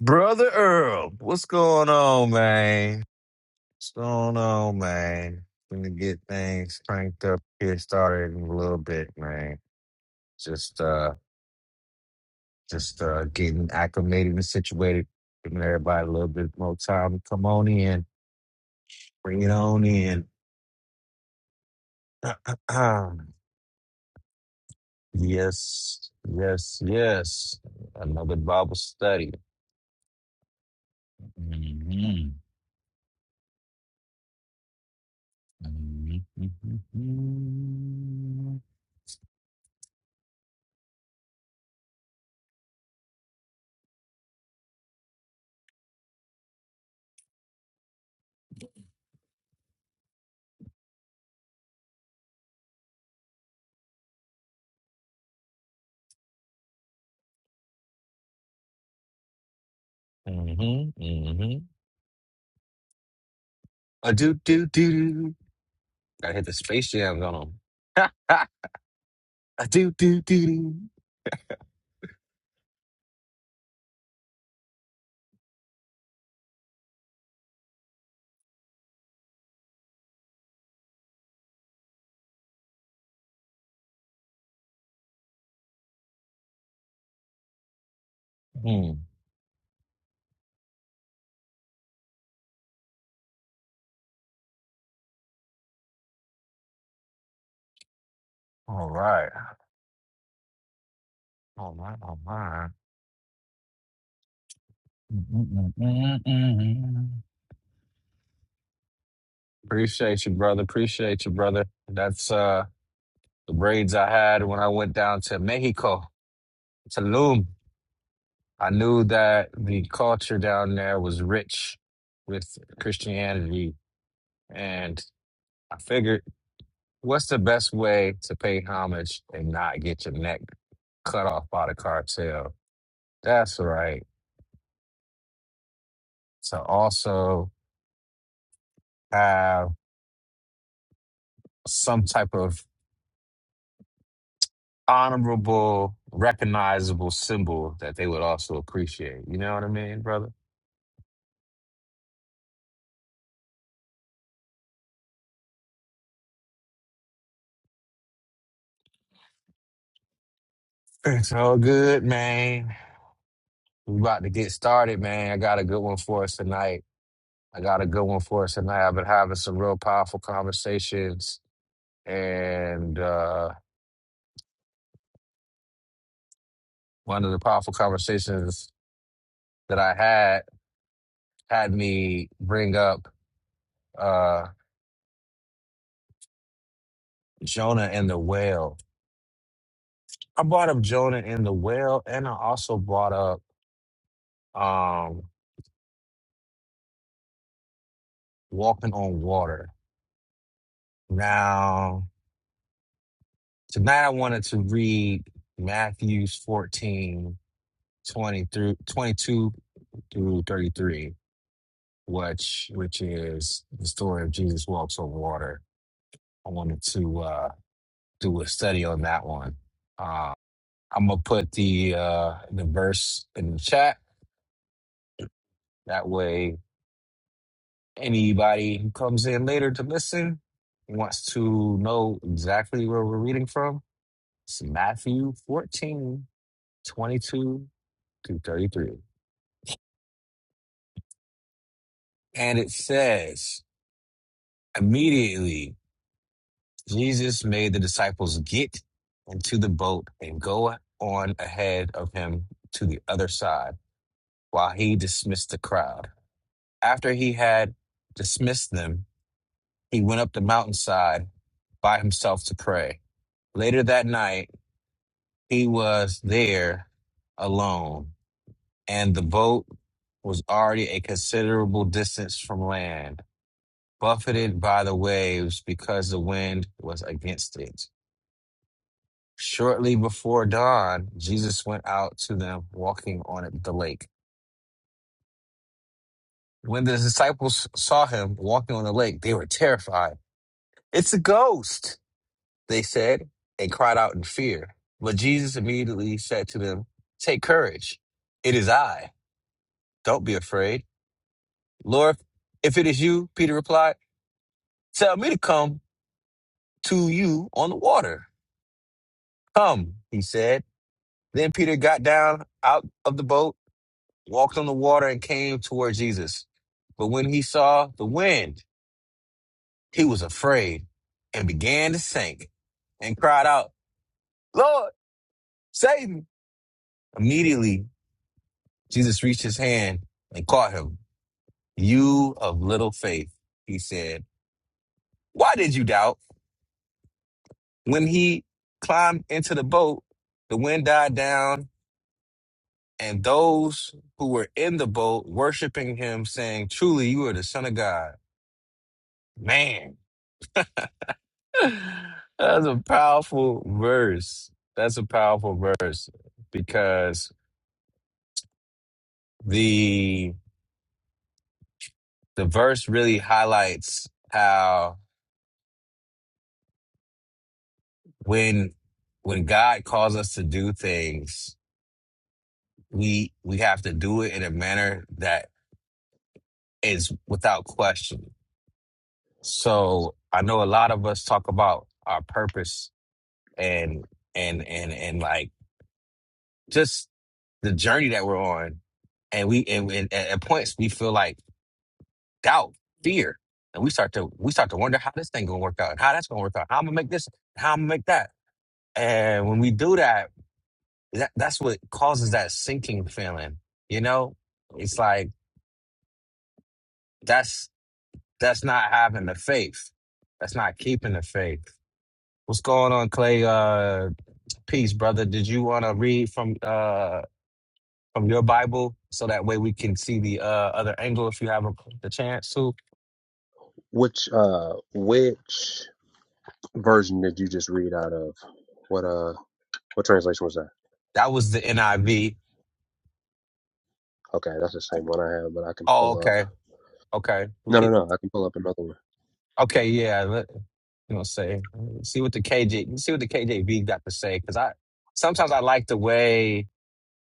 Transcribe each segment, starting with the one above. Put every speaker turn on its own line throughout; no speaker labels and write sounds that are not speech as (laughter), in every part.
Brother Earl, what's going on, man? What's going on, man? Gonna get things cranked up here, started in a little bit, man. Just uh just uh getting acclimated and situated, giving everybody a little bit more time to come on in, bring it on in. (clears throat) yes, yes, yes. Another Bible study. hmm hmm hmm hmm A do do do do. Gotta hit the space jam going on. Ha, ha. (laughs) A do do do do. Hmm. All right. All right. All right. (laughs) Mm-mm-mm-mm-mm. Appreciate you, brother. Appreciate you, brother. That's uh the braids I had when I went down to Mexico, Tulum. I knew that the culture down there was rich with Christianity, and I figured. What's the best way to pay homage and not get your neck cut off by the cartel? That's right. To also have some type of honorable, recognizable symbol that they would also appreciate. You know what I mean, brother? It's all good, man. We about to get started, man. I got a good one for us tonight. I got a good one for us tonight. I've been having some real powerful conversations, and uh, one of the powerful conversations that I had had me bring up uh, Jonah and the whale. I brought up Jonah and the whale, and I also brought up um, walking on water. Now, tonight I wanted to read Matthews 14 20 through 22 through 33, which which is the story of Jesus walks on water. I wanted to uh, do a study on that one. Uh, I'm gonna put the uh, the verse in the chat That way, anybody who comes in later to listen wants to know exactly where we're reading from. It's Matthew fourteen twenty two 22 through 33. And it says, immediately Jesus made the disciples get into the boat and go on ahead of him to the other side while he dismissed the crowd. After he had dismissed them, he went up the mountainside by himself to pray. Later that night, he was there alone, and the boat was already a considerable distance from land, buffeted by the waves because the wind was against it. Shortly before dawn, Jesus went out to them walking on it- the lake. When the disciples saw him walking on the lake, they were terrified. It's a ghost, they said, and cried out in fear. But Jesus immediately said to them, Take courage, it is I Don't be afraid. Lord, if it is you, Peter replied, tell me to come to you on the water. Come, he said. Then Peter got down out of the boat, walked on the water, and came toward Jesus. But when he saw the wind, he was afraid and began to sink and cried out, Lord, save me. Immediately, Jesus reached his hand and caught him. You of little faith, he said, why did you doubt? when he climbed into the boat, the wind died down, and those who were in the boat worshiping him, saying, Truly, you are the Son of God. Man, (sighs) (laughs) that's a powerful verse. That's a powerful verse because the the verse really highlights how when when God calls us to do things, we we have to do it in a manner that is without question So I know a lot of us talk about our purpose and and and and like just the journey that we're on, and we and, and at at points we feel like doubt, fear, and we start to we start to wonder how this thing gonna work out and how that's gonna work out. How I'm gonna make this, how I'm gonna make that, and when we do that, that that's what causes that sinking feeling. You know, it's like that's that's not having the faith. That's not keeping the faith. What's going on, Clay? Uh, Peace, brother. Did you want to read from uh from your Bible so that way we can see the uh other angle if you have a, the chance to?
Which uh which version did you just read out of? What uh what translation was that?
That was the NIV.
Okay, that's the same one I have, but I can
Oh,
pull up
okay, okay. We
No no
could.
no, I can pull up another one.
Okay, yeah. Let, you know, say see what the KJ see what the KJV got to say because I sometimes I like the way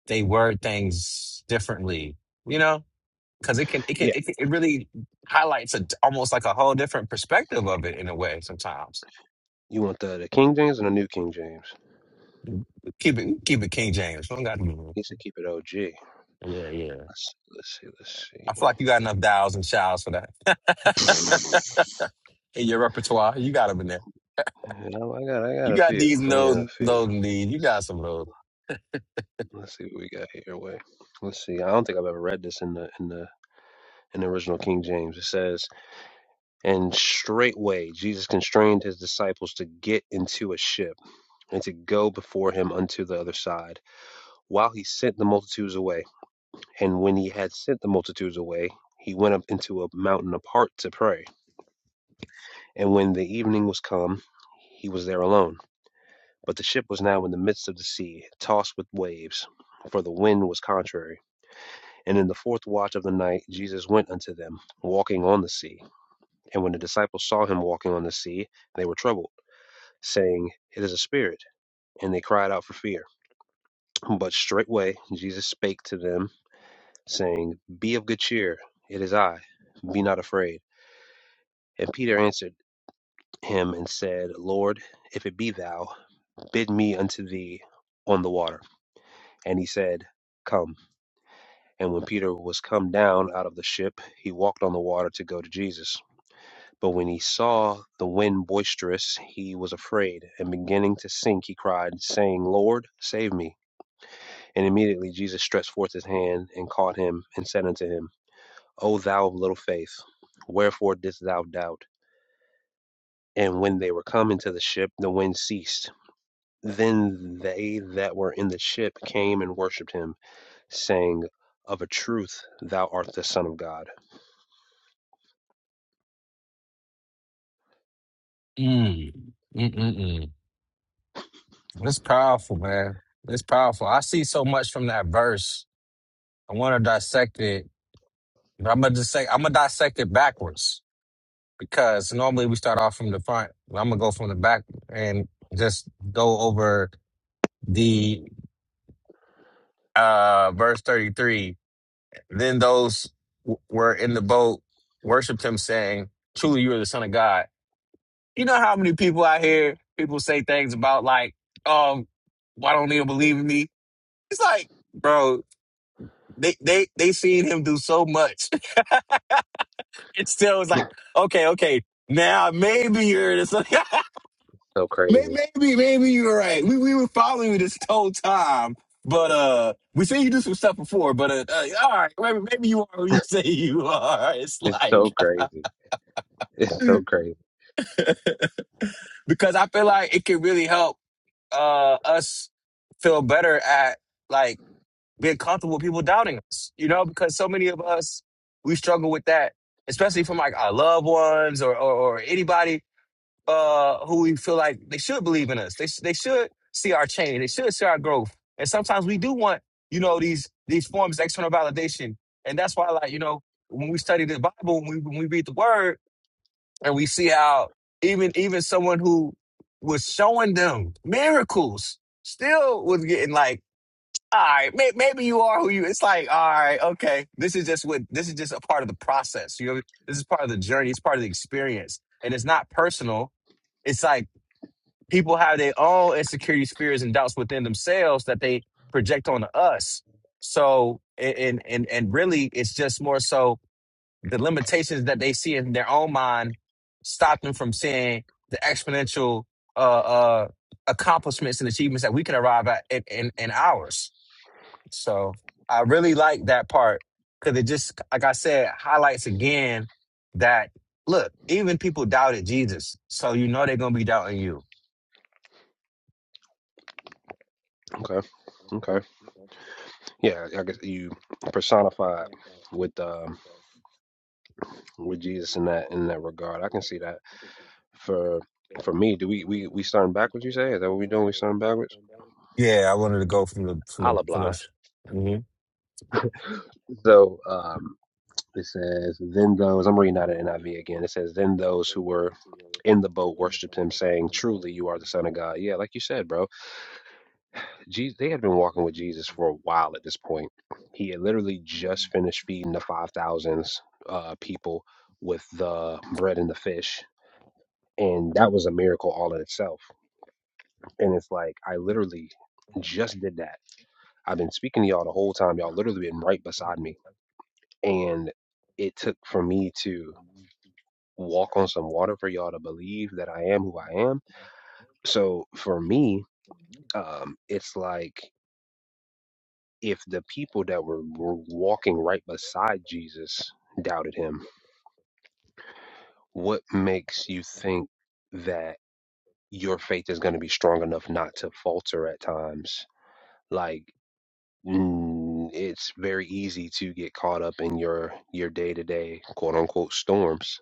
they word things differently. You know, because it can it can
Yeah.
it, can, it really highlights a, almost like a whole different perspective of it in a way sometimes
You want the, the King James and the New King James?
keep it keep it King James. We don't got to.
Needs to keep it OG.
Yeah, yeah.
Let's let's see, let's see.
I feel like you got enough dials and shouts for that (laughs) in your repertoire. You got them in there.
Yeah, I got I got
You
a
got
few.
these
I
nose,
got a
nose, and
few.
those and these. You
Let's,
got some of those.
let's see what we got here. Wait. Let's see. I don't think I've ever read this in the in the in the original King James. It says And straightway Jesus constrained his disciples to get into a ship and to go before him unto the other side, while he sent the multitudes away. And when he had sent the multitudes away, he went up into a mountain apart to pray. And when the evening was come, he was there alone. But the ship was now in the midst of the sea, tossed with waves, for the wind was contrary. And in the fourth watch of the night Jesus went unto them, walking on the sea. And when the disciples saw him walking on the sea, they were troubled saying, It is a spirit. And they cried out for fear. But straightway Jesus spake to them, saying, Be of good cheer, it is I, be not afraid. And Peter answered him and said, Lord, if it be thou, bid me unto thee on the water. And he said, Come. And when Peter was come down out of the ship, he walked on the water to go to Jesus. But when he saw the wind boisterous, he was afraid, and beginning to sink, he cried, saying, Lord, save me. And immediately Jesus stretched forth his hand and caught him and said unto him, O thou of little faith, wherefore didst thou doubt? And when they were come into the ship, the wind ceased. Then they that were in the ship came and worshipped him, saying, Of a truth, thou art the Son of God.
Mm. Mm-mm-mm. It's powerful, man. It's powerful. I see so much from that verse. I want to dissect it. But I'm gonna dissect. I'm gonna dissect it backwards because normally we start off from the front. I'm gonna go from the back and just go over the uh verse 33 Then those w- were in the boat worshiped him, saying, Truly, you are the Son of God. You know how many people out here, people say things about, like, um, why don't they believe in me? It's like, bro, they, they, they seen him do so much. (laughs) It still is like, okay, okay, now maybe you're the Son
So
(laughs) May-
crazy.
Maybe, maybe you're right. We, we were following you this whole time. But uh, we seen you do some stuff before. But uh, uh all right, maybe, maybe you are who you (laughs) say you are. (laughs) It's
It's
like
so crazy. It's so crazy.
because I feel like it could really help uh us feel better at like being comfortable with people doubting us, you know, because so many of us we struggle with that, especially from like our loved ones or or, or anybody uh who we feel like they should believe in us. They sh- they should see our change. They should see our growth. And sometimes we do want, you know, these these forms of external validation. And that's why like, you know, when we study the Bible, when we when we read the word, and we see how even even someone who was showing them miracles still was getting like all right may, maybe you are who you it's like all right okay this is just what this is just a part of the process you know this is part of the journey it's part of the experience and it's not personal it's like people have their own insecurities fears and doubts within themselves that they project onto us so and and and and really it's just more so the limitations that they see in their own mind stop them from seeing the exponential uh, uh, accomplishments and achievements that we can arrive at in, in, in ours. So I really like that part because it just, like I said, highlights again that look, even people doubted Jesus, so you know they're gonna be doubting you.
Okay. Okay. Yeah, I guess you personified with um with Jesus in that in that regard. I can see that. for for me, do we we we starting backwards? You say is that what we doing? We starting backwards?
Yeah, I wanted to go from the from the
I'll
from
oblige.
the. Mhm.
So um, it says, then those I'm reading out of NIV again. It says, then those who were in the boat worshipped him, saying, "Truly, you are the Son of God." Yeah, like you said, bro. Jesus, they had been walking with Jesus for a while at this point. He had literally just finished feeding the five thousands uh, people with the bread and the fish, and that was a miracle all in itself. And it's like I literally just did that I've been speaking to y'all the whole time. Y'all literally been right beside me. And it took for me to walk on some water for y'all to believe that I am who I am. So for me, um, it's like if the people that were, were walking right beside Jesus doubted him, what makes you think that your faith is going to be strong enough not to falter at times? Like, mm, it's very easy to get caught up in your your day to day quote unquote storms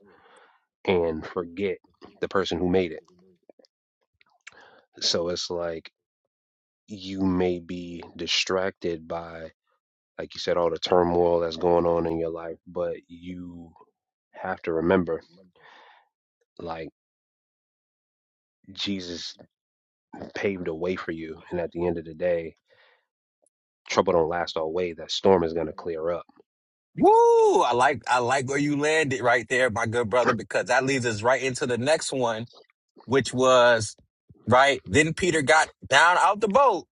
and forget the person who made it. So it's like you may be distracted by, like you said, all the turmoil that's going on in your life, but you have to remember, like, Jesus paved a way for you. And at the end of the day, trouble don't last always. That storm is going to clear up.
Woo! I like I like where you landed right there, my good brother, because that leads us right into the next one which was right. Then Peter got down out the boat.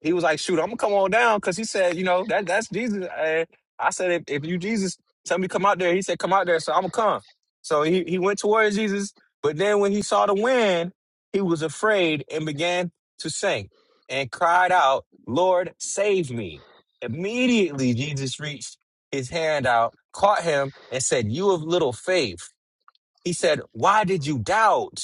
He was like, "Shoot, I'm gonna come on down," because he said, "You know that that's Jesus." And I said, "If, if you Jesus, tell me to come out there." He said, "Come out there," so I'm gonna come. So he he went towards Jesus, but then when he saw the wind, he was afraid and began to sink and cried out, "Lord, save me!" Immediately, Jesus reached his hand out, caught him, and said, "You of little faith." He said, "Why did you doubt?"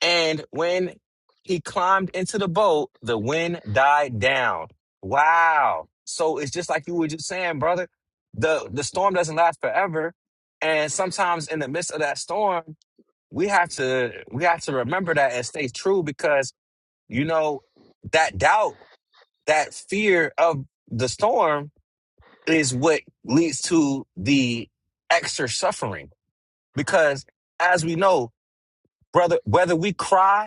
And when he climbed into the boat, the wind died down. Wow. So it's just like you were just saying, brother. The the storm doesn't last forever. And sometimes in the midst of that storm, we have to we have to remember that and stay true because you know that doubt, that fear of the storm is what leads to the extra suffering. Because as we know, brother, whether we cry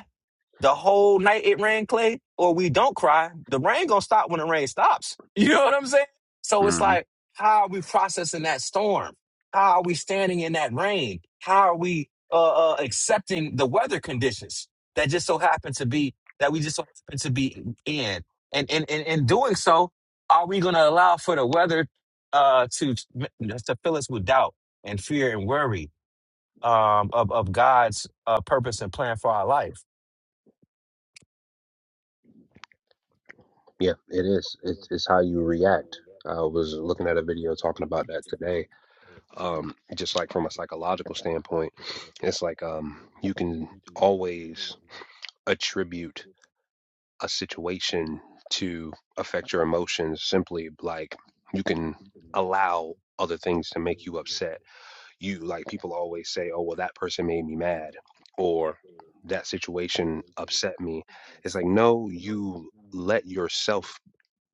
the whole night it rained clay or we don't cry the rain gonna stop when the rain stops (laughs) you know what i'm saying so it's
hmm
like how are we processing that storm how are we standing in that rain how are we uh, uh accepting the weather conditions that just so happen to be that we just so happen to be in and and and in doing so are we gonna allow for the weather uh to to fill us with doubt and fear and worry um of, of god's uh, purpose and plan for our life
Yeah, it is. It's, it's how you react. I was looking at a video talking about that today. Um, just like from a psychological standpoint, it's like um, you can always attribute a situation to affect your emotions simply like you can allow other things to make you upset. You like people always say, "Oh, well that person made me mad," or that situation upset me. It's like, "No, you let yourself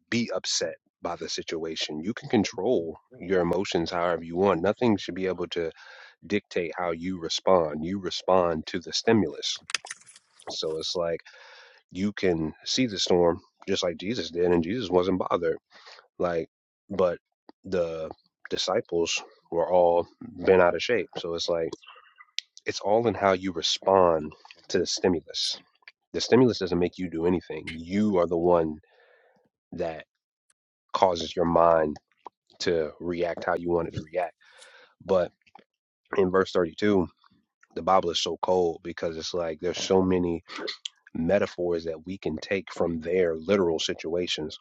be upset by the situation. You can control your emotions however you want. Nothing should be able to dictate how you respond. You respond to the stimulus." So it's like you can see the storm just like Jesus did, and Jesus wasn't bothered. Like, but the disciples were all bent out of shape. So it's like it's all in how you respond to the stimulus. The stimulus doesn't make you do anything. You are the one that causes your mind to react how you want it to react. But in verse 32, the Bible is so cold because it's like there's so many metaphors that we can take from their literal situations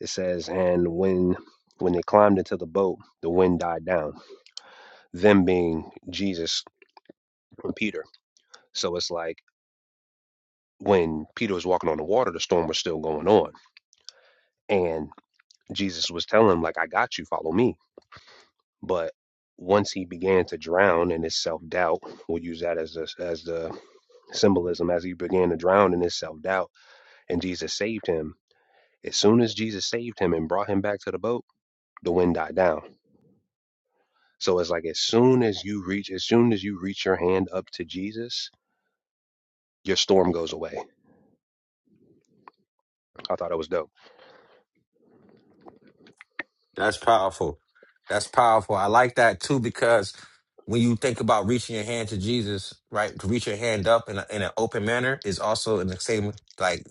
It says, and when when they climbed into the boat, the wind died down. Them being Jesus and Peter. So it's like when Peter was walking on the water, the storm was still going on, and Jesus was telling him like, "I got you, follow me." But once he began to drown in his self doubt, we'll use that as the, as the symbolism. As he began to drown in his self doubt, and Jesus saved him. As soon as Jesus saved him and brought him back to the boat, the wind died down So it's like as soon as you reach, as soon as you reach your hand up to Jesus, your storm goes away. I thought it was dope.
That's powerful. That's powerful. I like that too because when you think about reaching your hand to Jesus, right, to reach your hand up in, a, in an open manner is also in the same like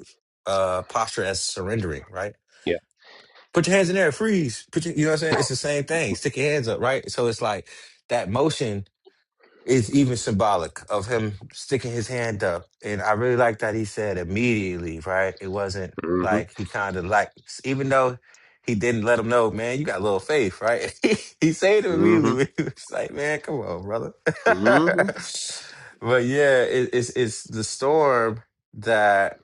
uh posture as surrendering, right?
Yeah.
Put your hands in there, freeze. Put your, you know what I'm saying? It's the same thing. Stick your hands up, right? So it's like that motion is even symbolic of him sticking his hand up. And I really like that he said immediately, right? It wasn't
Mm-hmm.
like he kind of like, even though he didn't let him know, man, you got a little faith, right? (laughs) he saved him immediately.
Mm-hmm.
But he was like, man, come on, brother. (laughs)
Mm-hmm.
but yeah, it, it's it's the storm that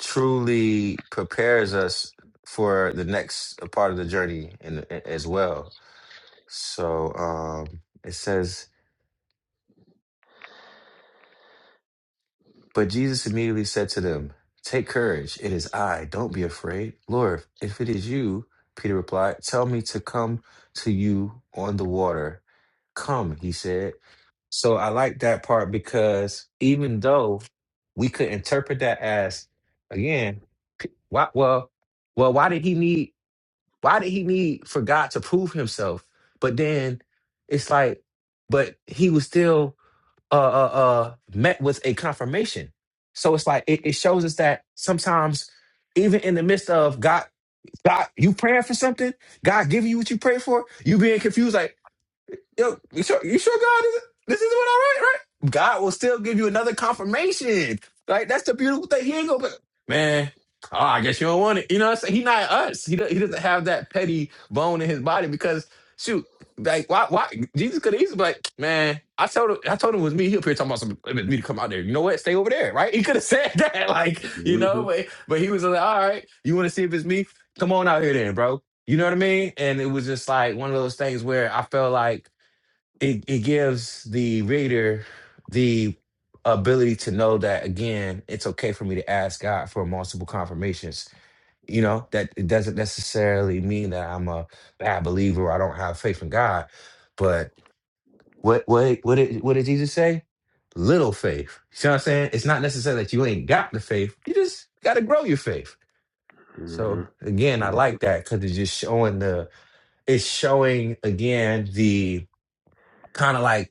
truly prepares us for the next part of the journey, and as well. So um, it says. But Jesus immediately said to them, Take courage, it is I, don't be afraid. Lord, if it is you, Peter replied, Tell me to come to you on the water. Come, he said. So I like that part because even though we could interpret that as, again, P- why, well, well, why did he need, why did he need for God to prove himself? But then it's like, but he was still uh, uh, uh, met with a confirmation. So it's like it, it shows us that sometimes, even in the midst of God, God, you praying for something, God giving you what you pray for, you being confused. like yo, you sure, you sure God is this is what I write, right? God will still give you another confirmation. Like that's the beautiful thing. He ain't gonna be- man. Oh, I guess you don't want it. You know what I'm saying? He not us. He do- he doesn't have that petty bone in his body because shoot, like why why Jesus could have easily be like, man, I told him I told him it was me. He up here talking about some it was me to come out there. You know what? Stay over there, right? He could have said (laughs) that, like,
Mm-hmm.
you
Mm-hmm.
know, but but he was like, all right, you want to see if it's me? Come on out here then, bro. You know what I mean? And it was just like one of those things where I felt like it, it gives the reader the ability to know that again it's okay for me to ask god for multiple confirmations you know that it doesn't necessarily mean that i'm a bad believer or i don't have faith in god but what what what did, what did jesus say little faith you see what i'm saying it's not necessarily that you ain't got the faith you just got to grow your faith
Mm-hmm.
so again i like that because it's just showing the it's showing again the kind of like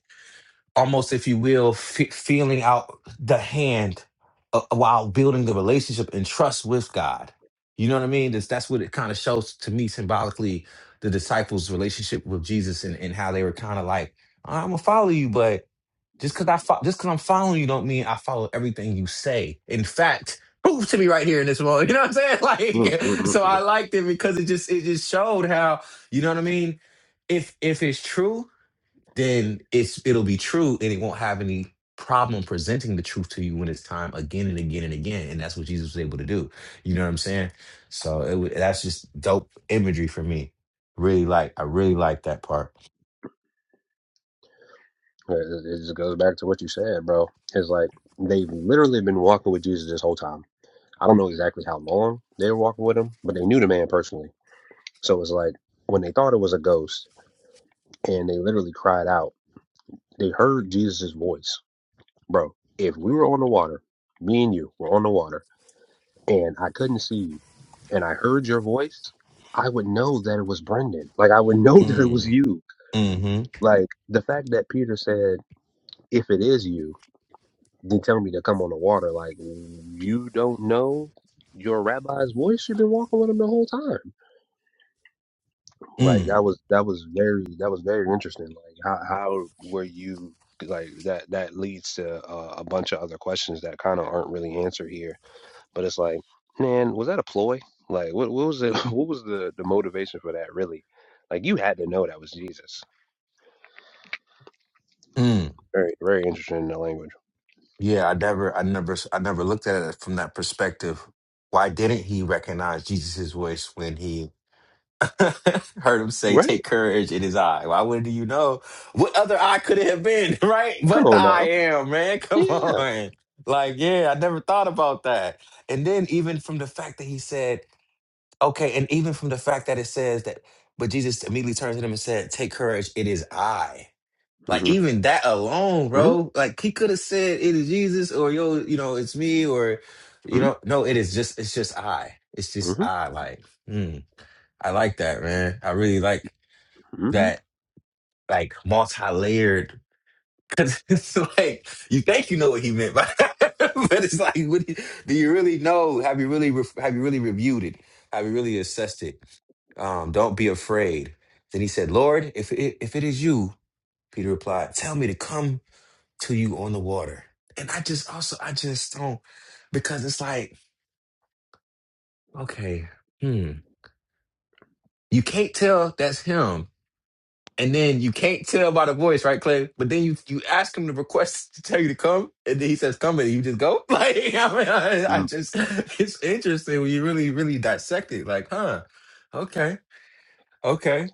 almost if you will fe feeling out the hand uh, while building the relationship and trust with god you know what i mean that's, that's what it kind of shows to me symbolically the disciples relationship with jesus and, and how they were kind of like i'm gonna follow you but just because i fo- just because i'm following you don't mean i follow everything you say in fact (laughs) prove to me right here in this moment (laughs) you know what i'm saying (laughs)
Mm-hmm.
like so
Mm-hmm.
i liked it because it just it just showed how you know what i mean if if it's true then it's it'll be true and it won't have any problem presenting the truth to you when it's time again and again and again and that's what jesus was able to do you know what i'm saying so it wa- that's just dope imagery for me really like i really like that part
It it just goes back to what you said, bro. It's like they've literally been walking with Jesus this whole time. I don't know exactly how long they were walking with him, but they knew the man personally. So it's like when they thought it was a ghost and they literally cried out, they heard Jesus' voice bro, if we were on the water, me and you were on the water, and I couldn't see you, and I heard your voice, I would know that it was Brendan. Like I would know (laughs) that it
mm,
was you.
mm-hmm
Like the fact that Peter said, "If it is you, then tell me to come on the water." Like you don't know your rabbi's voice. You've been walking with him the whole time. Like
mm,
that was that was very that was very interesting. Like how how were you? Like that that leads to uh, a bunch of other questions that kind of aren't really answered here But it's like, man, was that a ploy? Like, what, what was it? (laughs) What was the, the motivation for that? Really? Like, you had to know that was Jesus.
mm.
Very, very interesting in the language,
yeah i never i never I never looked at it from that perspective why didn't he recognize jesus' voice when he (laughs) Heard him say,
right?
"Take courage, it is I." Why would not you know what other I could it have been, (laughs) right?
Come
But the
on
I
now,
am, man. (laughs) Come
yeah.
on, like yeah, I never thought about that. And then even from the fact that he said, "Okay," and even from the fact that it says that, but Jesus immediately turns to them and said, "Take courage, it is I." Like
hmm
even that alone,
hmm
bro. Like he could have said, "It is Jesus," or "Yo, you know, it's me," or you
hmm
know, no, it is just, it's just I. It's just
hmm
I. Like. hmm. I like that, man. I really like
hmm
that, like multi-layered. Cause (laughs) it's like you think you know what he meant by that, (laughs) but it's like, what do, you, do you really know? Have you really re- have you really reviewed it? Have you really assessed it? Um, don't be afraid. Then he said, "Lord, if it, if it is you," Peter replied, "Tell me to come to you on the water." And I just also I just don't because it's like, okay, hmm, you can't tell that's him And then you can't tell by the voice, right, Clay? But then you you ask him to request to tell you to come, and then he says come, and you just go. (laughs) Like I mean, I, I
hmm
just it's interesting when you really really dissect it. Like, huh? Okay, okay.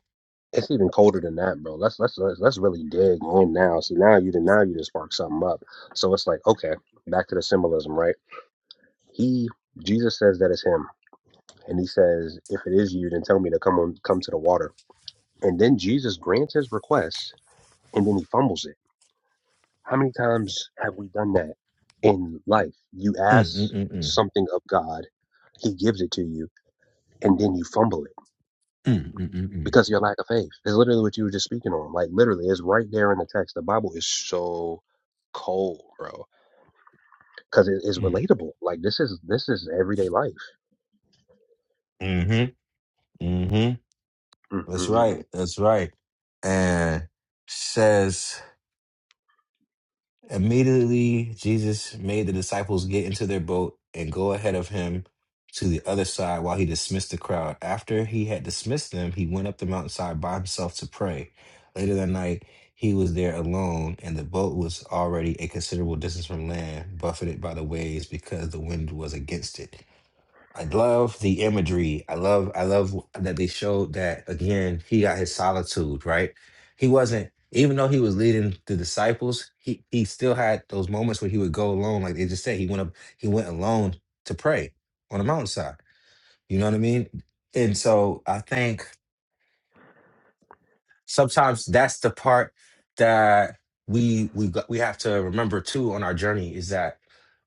It's even colder than that, bro. Let's let's let's, let's really dig in now. See, now you did now you just spark something up. So it's like, okay, back to the symbolism, right? He Jesus says that it's him, and he says, if it is you, then tell me to come on, come to the water. And then Jesus grants his request and then he fumbles it. How many times have we done that in life? You
Mm
ask
mm mm
something of God, he gives it to you, and then you fumble it
mm mm mm
because of your lack of faith. It's literally what you were just speaking on. Like, literally, it's right there in the text. The Bible is so cold, bro, because it is
mm
relatable. Like, this is this is everyday life.
mm. Mm mm mm. That's
Mm-mm-mm.
right. That's right. And says. Immediately, Jesus made the disciples get into their boat and go ahead of him to the other side while he dismissed the crowd. After he had dismissed them, he went up the mountainside by himself to pray. Later that night, he was there alone, and the boat was already a considerable distance from land, buffeted by the waves because the wind was against it. I love the imagery. I love I love that they showed that again, he got his solitude, right? He wasn't even though he was leading the disciples, he he still had those moments where he would go alone. Like they just said, he went up, he went alone to pray on the mountainside. You know what I mean? And so I think sometimes that's the part that we we got- we have to remember too on our journey is that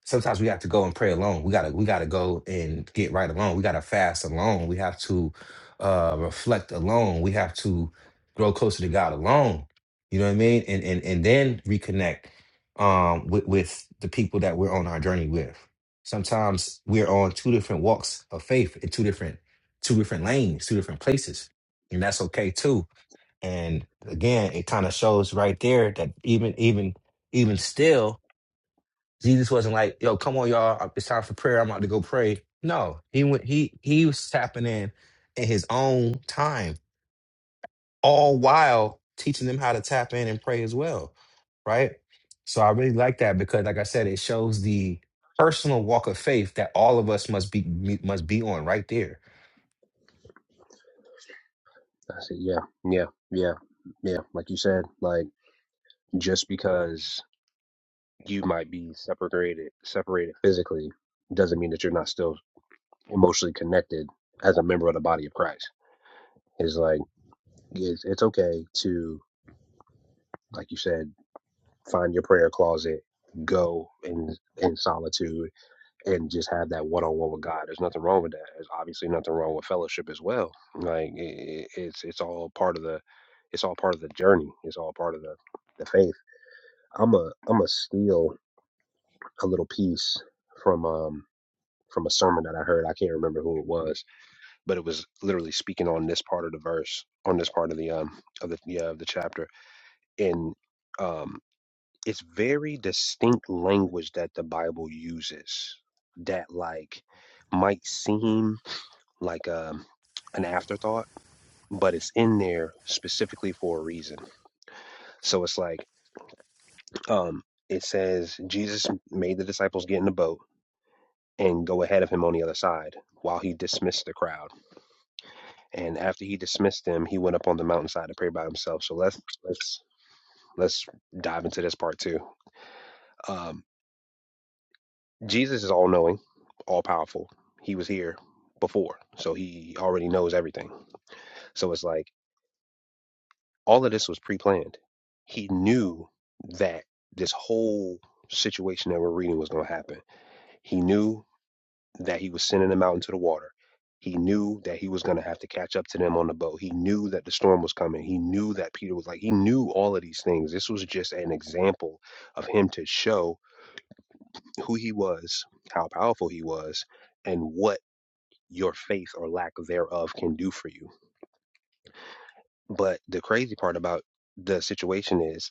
sometimes we have to go and pray alone. We gotta we gotta go and get right alone. We gotta fast alone. We have to uh, reflect alone. We have to grow closer to God alone. You know what I mean? And and and then reconnect um, with with the people that we're on our journey with. Sometimes we're on two different walks of faith in two different two different lanes, two different places, and that's okay too and again, it kind of shows right there that even even even still, Jesus wasn't like, "Yo, come on, y'all, it's time for prayer. I'm about to go pray." No, he went. He he was tapping in in his own time, all while teaching them how to tap in and pray as well, right? So I really like that because, like I said, it shows the personal walk of faith that all of us must be must be on right there
I see. Yeah, yeah, yeah, yeah. Like you said, like just because you might be separated separated physically doesn't mean that you're not still emotionally connected as a member of the body of Christ. Is like it's, it's okay to, like you said, find your prayer closet, go in in solitude, and just have that one on one with God. There's nothing wrong with that. There's obviously nothing wrong with fellowship as well. Like it, it's it's all part of the it's all part of the journey. It's all part of the the faith. I'm a I'm a steal a little piece from um from a sermon that I heard. I can't remember who it was but it was literally speaking on this part of the verse, on this part of the um of the yeah, of the chapter, and um, it's very distinct language that the Bible uses that like might seem like um an afterthought, but it's in there specifically for a reason. So it's like um, it says Jesus made the disciples get in the boat and go ahead of him on the other side while he dismissed the crowd And after he dismissed them, he went up on the mountainside to pray by himself. So let's let's let's dive into this part too. Um, Jesus is all knowing, all powerful. He was here before, so he already knows everything. So it's like all of this was pre-planned. He knew that this whole situation that we're reading was going to happen. He knew that he was sending them out into the water. He knew that he was going to have to catch up to them on the boat. He knew that the storm was coming. He knew that Peter was like, he knew all of these things. This was just an example of him to show who he was, how powerful he was, and what your faith or lack thereof can do for you. But the crazy part about the situation is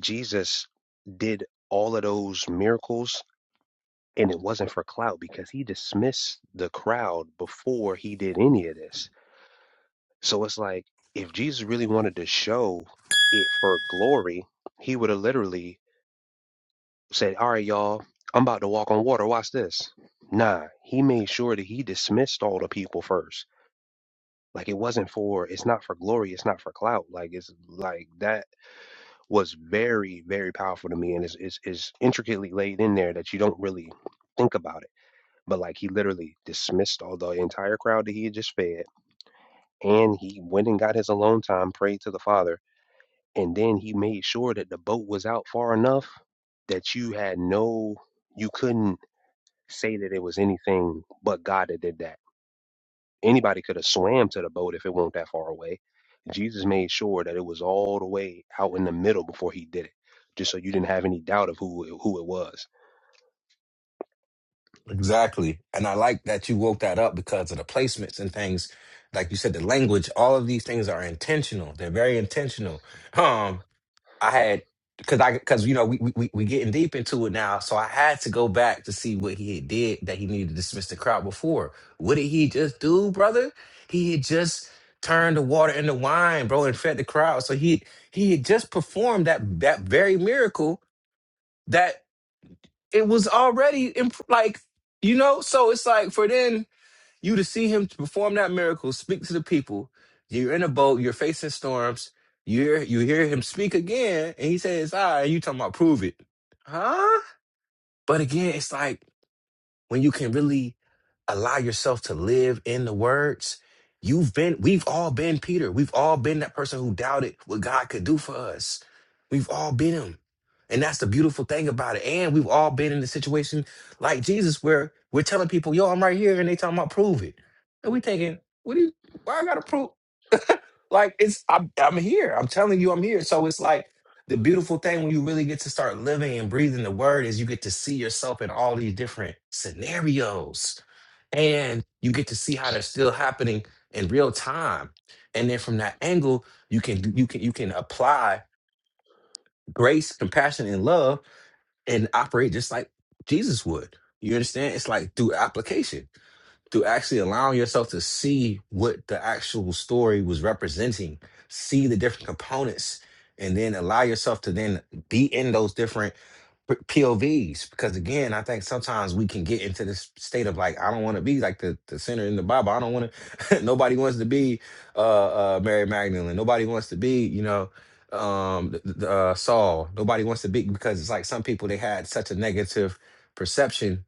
Jesus did all of those miracles and it wasn't for clout because he dismissed the crowd before he did any of this So it's like if Jesus really wanted to show it for glory, he would have literally said, All right, y'all, I'm about to walk on water. Watch this. Nah, he made sure that he dismissed all the people first. Like it wasn't for, it's not for glory, it's not for clout. Like it's like that was very, very powerful to me. And it's, it's, it's intricately laid in there that you don't really think about it. But like he literally dismissed all the entire crowd that he had just fed. And he went and got his alone time, prayed to the Father and then he made sure that the boat was out far enough that you had no you couldn't say that it was anything but god that did that anybody could have swam to the boat if it weren't that far away jesus made sure that it was all the way out in the middle before he did it just so you didn't have any doubt of who it- who it was
Exactly. And I like that you woke that up because of the placements and things. Like you said, the language, all of these things are intentional. They're very intentional. Um, I had because I because you know we we we getting deep into it now, so I had to go back to see what he had did that he needed to dismiss the crowd before. What did he just do, brother? He had just turned the water into wine, bro, and fed the crowd. So he he had just performed that that very miracle that it was already imp- like you know so it's like for then you to see him to perform that miracle speak to the people you're in a boat you're facing storms you're you hear him speak again and he says all right you talking about prove it huh but again it's like when you can really allow yourself to live in the words, you've been, we've all been Peter. We've all been that person who doubted what God could do for us. We've all been him. And that's the beautiful thing about it. And we've all been in a situation like Jesus where we're telling people, yo, I'm right here. And they talking about prove it. And we thinking, what do you, why I gotta prove? Like it's I'm I'm here. I'm telling you I'm here. So it's like the beautiful thing when you really get to start living and breathing the word is you get to see yourself in all these different scenarios. And you get to see how they're still happening in real time. And then from that angle, you can you can you can apply grace, compassion, and love and operate just like Jesus would. You understand? It's like through application to actually allowing yourself to see what the actual story was representing, see the different components, and then allow yourself to then be in those different p- POVs. Because again, I think sometimes we can get into this state of like, I don't want to be like the, the sinner in the Bible. I don't want to, (laughs) nobody wants to be uh, uh, Mary Magdalene. Nobody wants to be, you know, um th- th- uh, Saul. Nobody wants to be because it's like some people they had such a negative perception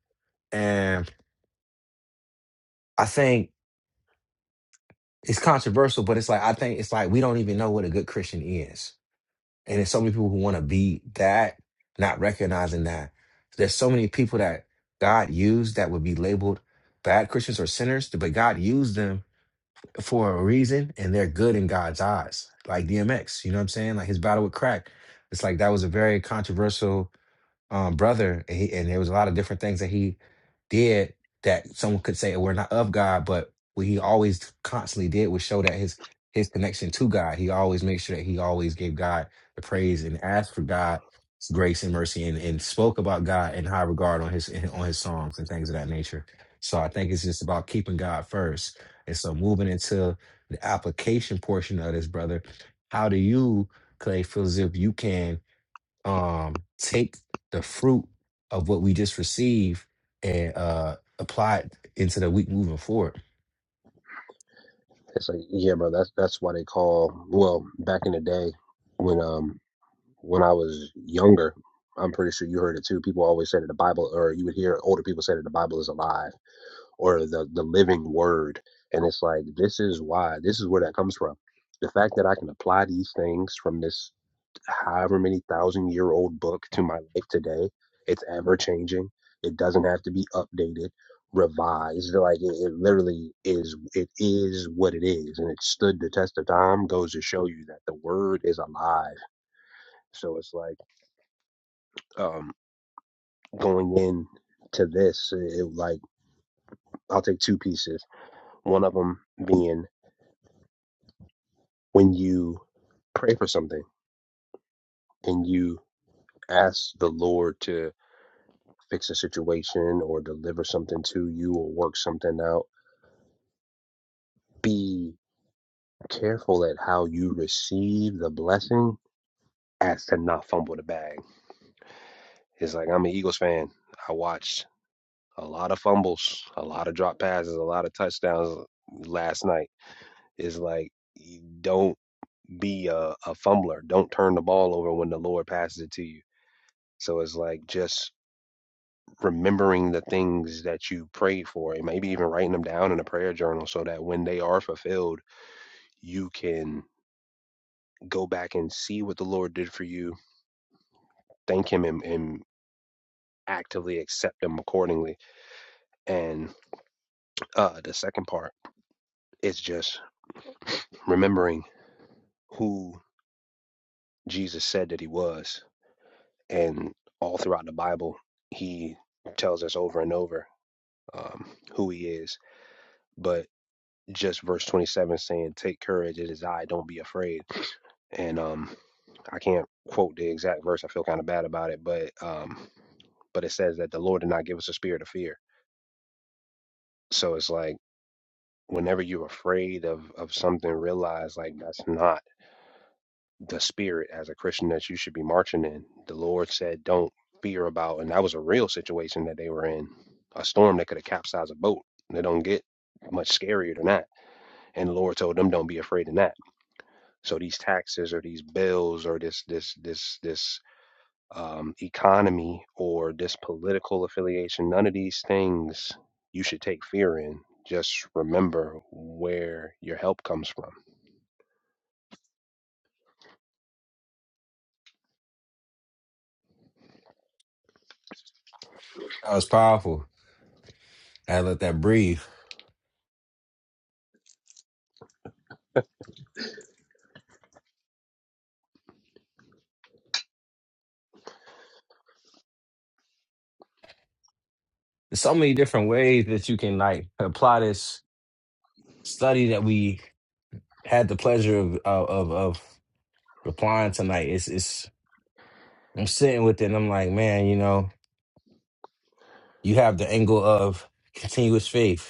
and I think it's controversial, but it's like I think it's like we don't even know what a good Christian is. And there's so many people who want to be that, not recognizing that. There's so many people that God used that would be labeled bad Christians or sinners, but God used them for a reason and they're good in God's eyes. Like DMX, you know what I'm saying? Like his battle with crack. It's like that was a very controversial um, brother, and, he, and there was a lot of different things that he did that someone could say were not of God, but what he always constantly did was show that his his connection to God. He always made sure that he always gave God the praise and asked for God's grace and mercy, and, and spoke about God in high regard on his on his songs and things of that nature. So I think it's just about keeping God first. And so moving into the application portion of this, brother, how do you, Clay, feel as if you can? um take the fruit of what we just received and uh apply it into the week moving forward.
It's like, yeah, bro. That's that's why they call. Well, back in the day, when um when I was younger, I'm pretty sure you heard it too. People always said that the Bible, or you would hear older people say that the Bible is alive. or the the living word and it's like this is why this is where that comes from the fact that i can apply these things from this however many thousand year old book to my life today it's ever changing it doesn't have to be updated revised like it, it literally is it is what it is and it stood the test of time goes to show you that the word is alive so it's like um going in to this it, like i'll take two pieces one of them being when you pray for something and you ask the Lord to fix a situation or deliver something to you or work something out, be careful at how you receive the blessing as to not fumble the bag. It's like I'm an Eagles fan. I watched a lot of fumbles, a lot of drop passes, a lot of touchdowns last night. It's like you don't be a, a fumbler. Don't turn the ball over when the Lord passes it to you. So it's like just remembering the things that you prayed for and maybe even writing them down in a prayer journal so that when they are fulfilled, you can go back and see what the Lord did for you, thank Him, and, and actively accept Him accordingly. And uh, the second part is just remembering who Jesus said that He was. And all throughout the Bible, He tells us over and over um, who He is. But just verse 27 saying, Take courage, it is I, don't be afraid. And um, I can't quote the exact verse, I feel kind of bad about it, but um, but it says that the Lord did not give us a spirit of fear. So it's like whenever you're afraid of, of something, realize like that's not the spirit as a Christian that you should be marching in. The Lord said, Don't fear about, and that was a real situation that they were in a storm that could have capsized a boat. They don't get much scarier than that. And the Lord told them, Don't be afraid in that So these taxes or these bills or this this this this um, economy or this political affiliation, none of these things you should take fear in. Just remember where your help comes from.
That was powerful. I had to let that breathe. There's so many different ways that you can like apply this study that we had the pleasure of of of, of applying tonight. It's it's I'm sitting with it and I'm like, man, you know, you have the angle of continuous faith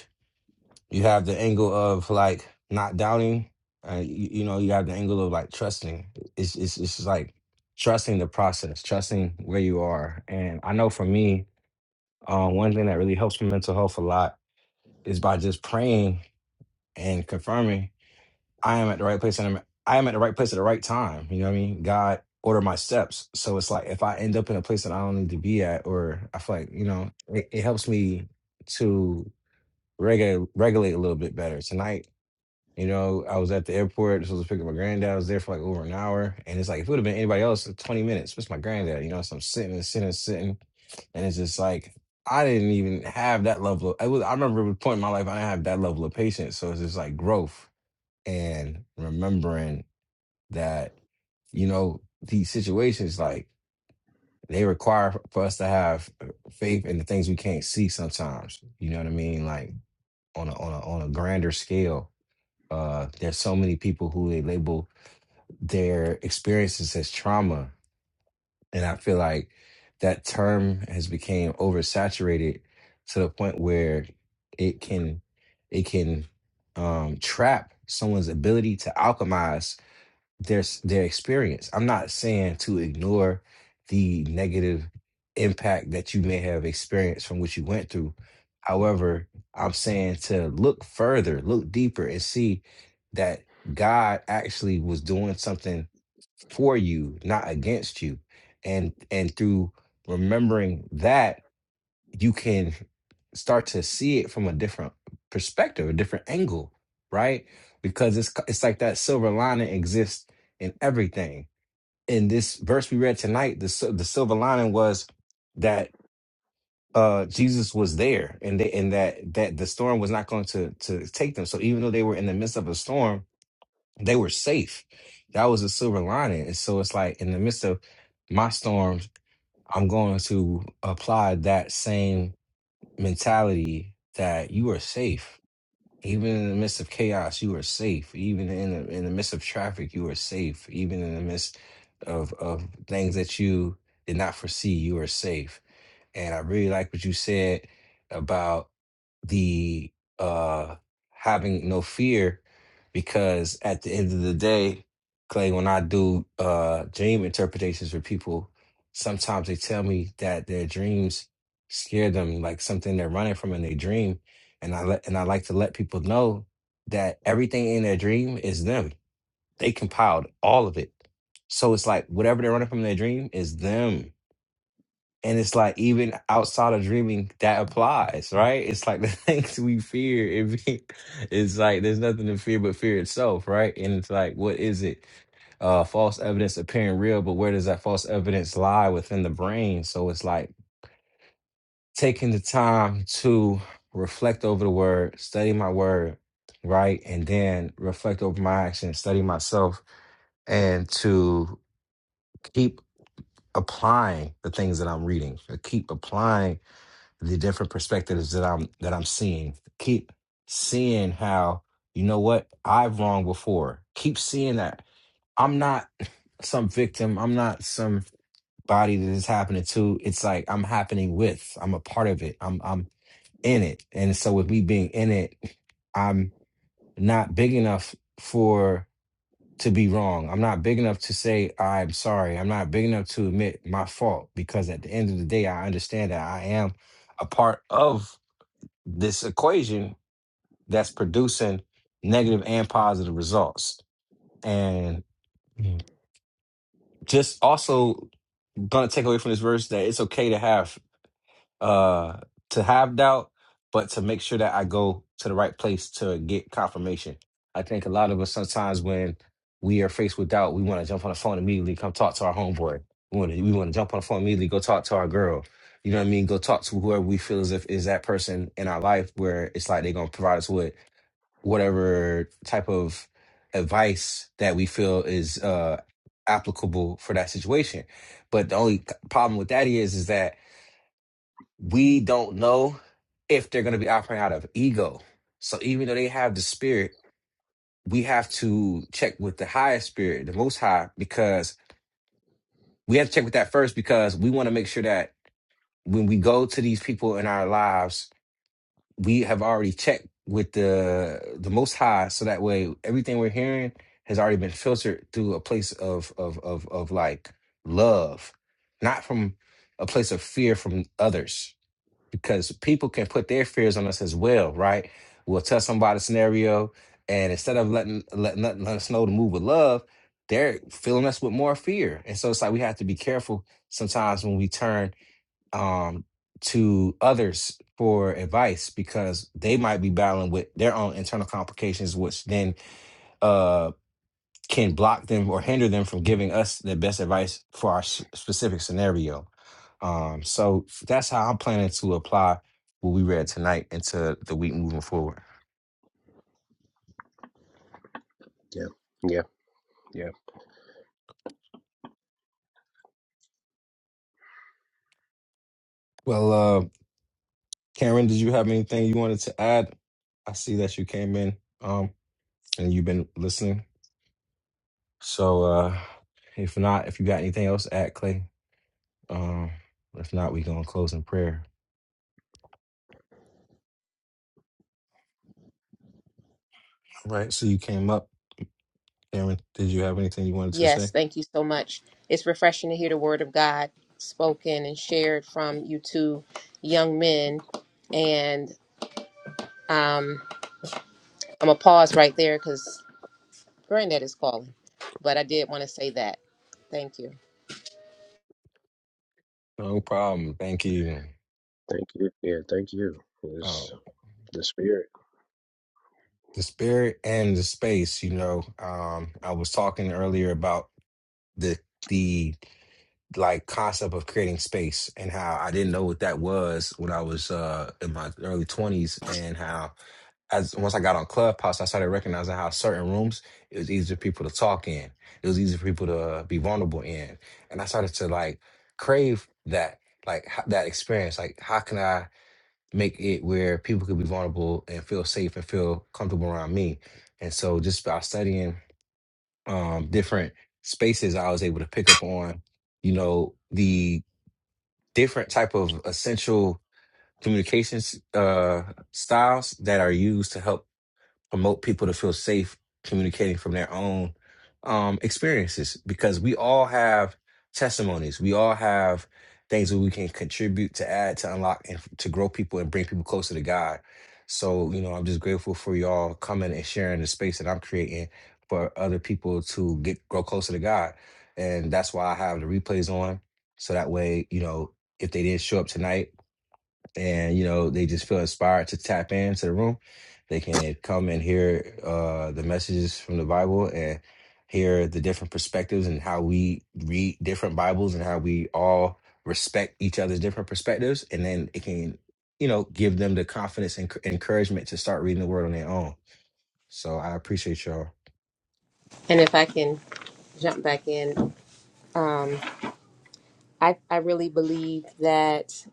You have the angle of like not doubting. Uh, you, you know, you have the angle of like trusting. It's it's it's just like trusting the process, trusting where you are. And I know for me, uh, one thing that really helps my mental health a lot is by just praying and confirming I am at the right place and I'm I am at the right place at the right time. You know what I mean? God order my steps. So it's like if I end up in a place that I don't need to be at, or I feel like you know, it, it helps me to regulate regulate a little bit better. Tonight you know, I was at the airport, supposed to pick up my granddad. I was there for like over an hour. And it's like, if it would have been anybody else, it's 20 minutes, it's my granddad, you know, so I'm sitting and sitting and sitting. And it's just like, I didn't even have that level of, I, was, I remember at a point in my life, I didn't have that level of patience. So it's just like growth and remembering that, you know, these situations, like they require for us to have faith in the things we can't see sometimes. You know what I mean? Like on a, on a, on a grander scale, uh, there's so many people who they label their experiences as trauma and i feel like that term has become oversaturated to the point where it can it can um, trap someone's ability to alchemize their s- their experience i'm not saying to ignore the negative impact that you may have experienced from what you went through however i'm saying to look further look deeper and see that god actually was doing something for you, not against you. And and through remembering that, you can start to see it from a different perspective, a different angle, right? Because it's c- it's like that silver lining exists in everything. In this verse we read tonight, the sil- the silver lining was that uh Jesus was there and they and that that the storm was not going to to take them. So even though they were in the midst of a storm, they were safe. That was a silver lining. And so it's like in the midst of my storms, I'm going to apply that same mentality that you are safe. Even in the midst of chaos, you are safe. Even in the in the midst of traffic, you are safe. Even in the midst of of things that you did not foresee, you are safe and I really like what you said about the uh having no fear because at the end of the day, Clay, when I do uh dream interpretations for people, sometimes they tell me that their dreams scare them, like something they're running from in their dream. And I let and I like to let people know that everything in their dream is them. They compiled all of it. So it's like whatever they're running from in their dream is them and it's like even outside of dreaming, that applies, right? It's like the (laughs) things we fear, it be, it's like there's nothing to fear but fear itself, right? And it's like, what is it? Uh, false evidence appearing real, but where does that false evidence lie within the brain? So it's like taking the time to reflect over the word, study my word, right? And then reflect over my actions, study myself, and to keep applying the things that I'm reading, to keep applying the different perspectives that I'm that I'm seeing. Keep seeing how you know what I've wronged before. Keep seeing that I'm not some victim. I'm not somebody that is happening to. It's like I'm happening with. I'm a part of it. I'm I'm in it. And so with me being in it, I'm not big enough for to be wrong. I'm not big enough to say I'm sorry. I'm not big enough to admit my fault because at the end of the day, I understand that I am a part of this equation that's producing negative and positive results. And just also gonna take away from this verse that it's okay to have uh to have doubt, but to make sure that I go to the right place to get confirmation. I think a lot of us sometimes when we are faced with doubt, we want to jump on the phone immediately, come talk to our homeboy. We want to we want to jump on the phone immediately, go talk to our girl. You know what I mean? Go talk to whoever we feel as if is that person in our life where it's like they're gonna provide us with whatever type of advice that we feel is uh, applicable for that situation. But the only problem with that is, is that we don't know if they're going to be operating out of ego. So even though they have the spirit, we have to check with the higher spirit, the most high, because we have to check with that first because we want to make sure that when we go to these people in our lives we have already checked with the the most high so that way everything we're hearing has already been filtered through a place of of of of like love not from a place of fear from others because people can put their fears on us as well right we'll tell somebody a scenario and instead of letting letting, letting us know to move with love they're filling us with more fear and so it's like we have to be careful sometimes when we turn um, to others for advice because they might be battling with their own internal complications, which then uh, can block them or hinder them from giving us the best advice for our s- specific scenario. Um, so that's how I'm planning to apply what we read tonight into the week moving forward.
Yeah, yeah, yeah.
Well, uh, Karen, did you have anything you wanted to add? I see that you came in um, and you've been listening. So uh, if not, if you got anything else, to add Clay. Um, if not, we gonna close in prayer. All right. So you came up, Cameron. Did you have anything you wanted to
Yes,
say?
thank you so much. It's refreshing to hear the word of God spoken and shared from you two young men. And um, I'm going to pause right there because Granddad is calling. But I did want to say that. Thank you.
No problem. Thank you.
Thank you. Yeah, thank you. It's
Um,
the spirit.
the spirit and the space. You know, um, I was talking earlier about the the like concept of creating space and how I didn't know what that was when I was uh in my early twenties and how as once I got on Clubhouse I started recognizing how certain rooms it was easier for people to talk in. It was easier for people to be vulnerable in. And I started to like crave that like ho- that experience. Like how can I make it where people could be vulnerable and feel safe and feel comfortable around me? And so just by studying um different spaces I was able to pick up on you know the different type of essential communications uh, styles that are used to help promote people to feel safe communicating from their own um, experiences because we all have testimonies. We all have things that we can contribute to add, to unlock, and f- to grow people and bring people closer to God. So, you know, I'm just grateful for y'all coming and sharing the space that I'm creating for other people to get grow closer to God. And that's why I have the replays on. So that way, you know, if they didn't show up tonight and you know they just feel inspired to tap into the room they can come and hear uh the messages from the bible and hear the different perspectives and how we read different bibles and how we all respect each other's different perspectives and then it can you know give them the confidence and c- encouragement to start reading the word on their own so i appreciate y'all
And if I can jump back in, um, I, I really believe that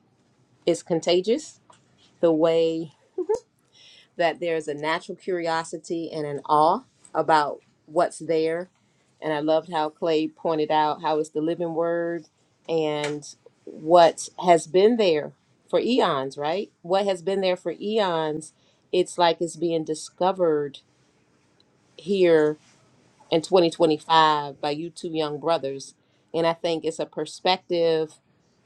it's contagious the way that there's a natural curiosity and an awe about what's there. And I loved how Clay pointed out how it's the living word and what has been there for eons, right? What has been there for eons, it's like it's being discovered here in 2025 by you two young brothers. And I think it's a perspective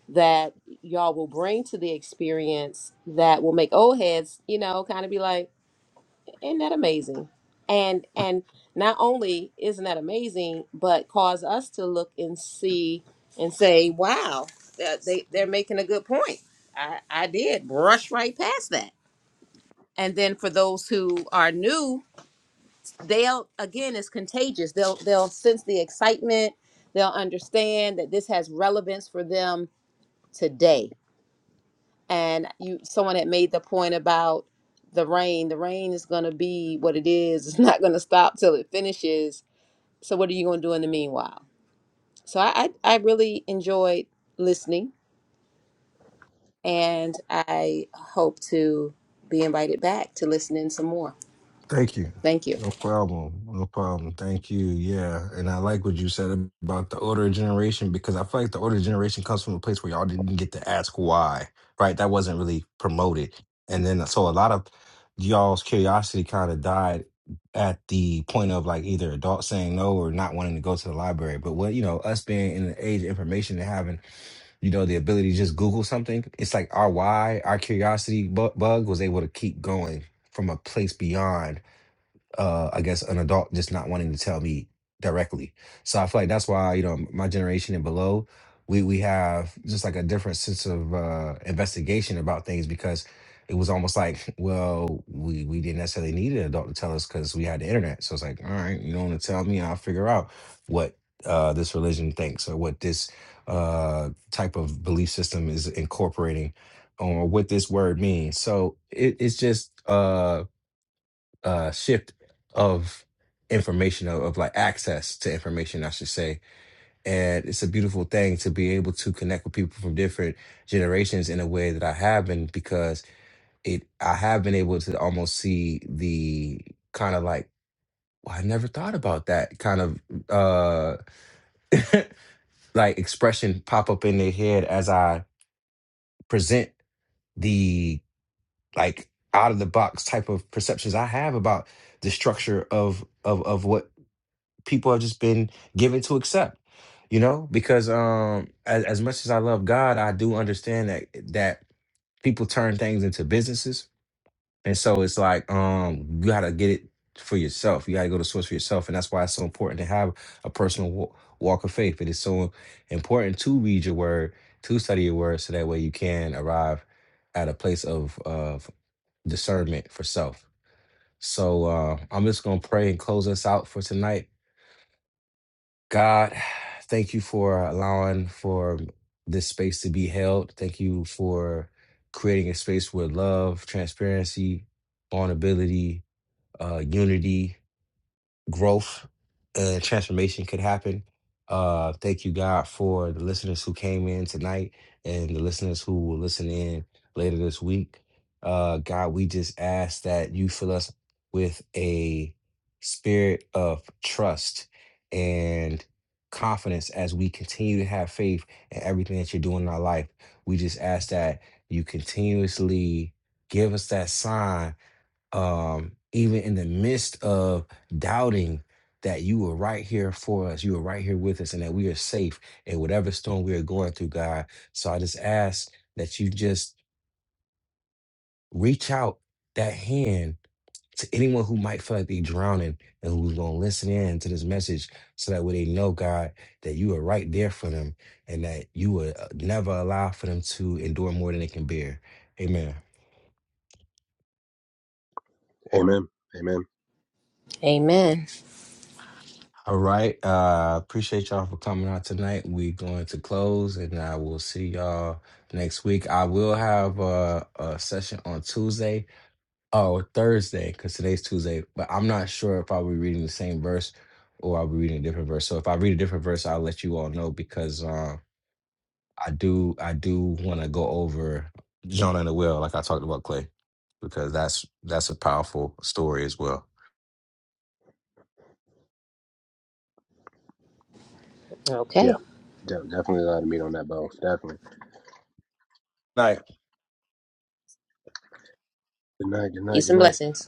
that y'all will bring to the experience that will make old heads, you know, kind of be like, isn't that amazing? And and not only isn't that amazing, but cause us to look and see and say, "Wow, that they they're making a good point." I I did brush right past that. And then for those who are new, they'll again it's contagious. They'll they'll sense the excitement. They'll understand that this has relevance for them today and you someone had made the point about the rain the rain is going to be what it is it's (laughs) not going to stop till it finishes so what are you going to do in the meanwhile so I, I i really enjoyed listening and i hope to be invited back to listen in some more
Thank you.
thank you
No problem. No problem. Thank you. Yeah. And I like what you said about the older generation because I feel like the older generation comes from a place where y'all didn't get to ask why, right? That wasn't really promoted. And then, so a lot of y'all's curiosity kind of died at the point of like either adults saying no or not wanting to go to the library. But what, you know, us being in the age of information and having, you know, the ability to just Google something, it's like our why, our curiosity bu- bug was able to keep going from a place beyond uh, I guess an adult just not wanting to tell me directly. So I feel like that's why you know my generation and below, we we have just like a different sense of uh, investigation about things because it was almost like (laughs) well we we didn't necessarily need an adult to tell us because we had the internet. So it's like all right, you don't want to tell me, I'll figure out what uh, this religion thinks or what this uh, type of belief system is incorporating or what this word means. So it, it's just. uh uh shift of information of, of like access to information i should say and it's a beautiful thing to be able to connect with people from different generations in a way that i have been because it i have been able to almost see the kind of like well, i never thought about that kind of uh (laughs) like expression pop up in their head as i present the like out of the box type of perceptions i have about the structure of of of what people have just been given to accept you know because um as, as much as i love god i do understand that that people turn things into businesses and so it's like um you gotta get it for yourself you gotta go to source for yourself and that's why it's so important to have a personal wa- walk of faith it is so important to read your word to study your word so that way you can arrive at a place of of discernment for self so uh i'm just gonna pray and close us out for tonight God, thank you for allowing for this space to be held. Thank you for creating a space where love, transparency, vulnerability, uh, unity growth and transformation could happen. Uh, thank you, God, for the listeners who came in tonight and the listeners who will listen in later this week. Uh, God, we just ask that you fill us with a spirit of trust and confidence as we continue to have faith in everything that you're doing in our life. We just ask that you continuously give us that sign um, even in the midst of doubting that you were right here for us, you were right here with us, and that we are safe in whatever storm we are going through, God. So I just ask that you just reach out that hand to anyone who might feel like they're drowning and who's going to listen in to this message so that way they know, God, that you are right there for them and that you will uh, never allow for them to endure more than they can bear. Amen.
Amen. Amen.
amen
All right. Uh appreciate y'all for coming out tonight. we going to close and I will see y'all next week. I will have a, a session on Tuesday or Thursday, because today's Tuesday, but I'm not sure if I'll be reading the same verse or I'll be reading a different verse. So if I read a different verse, I'll let you all know because uh, I do I do wanna go over Jonah and the whale, like I talked about Clay, because that's that's a powerful story as well.
Yeah,
okay
de- definitely a lot of meat on that bone. Definitely.
Night.
Good night. Good night.
peace
Good
and
night.
blessings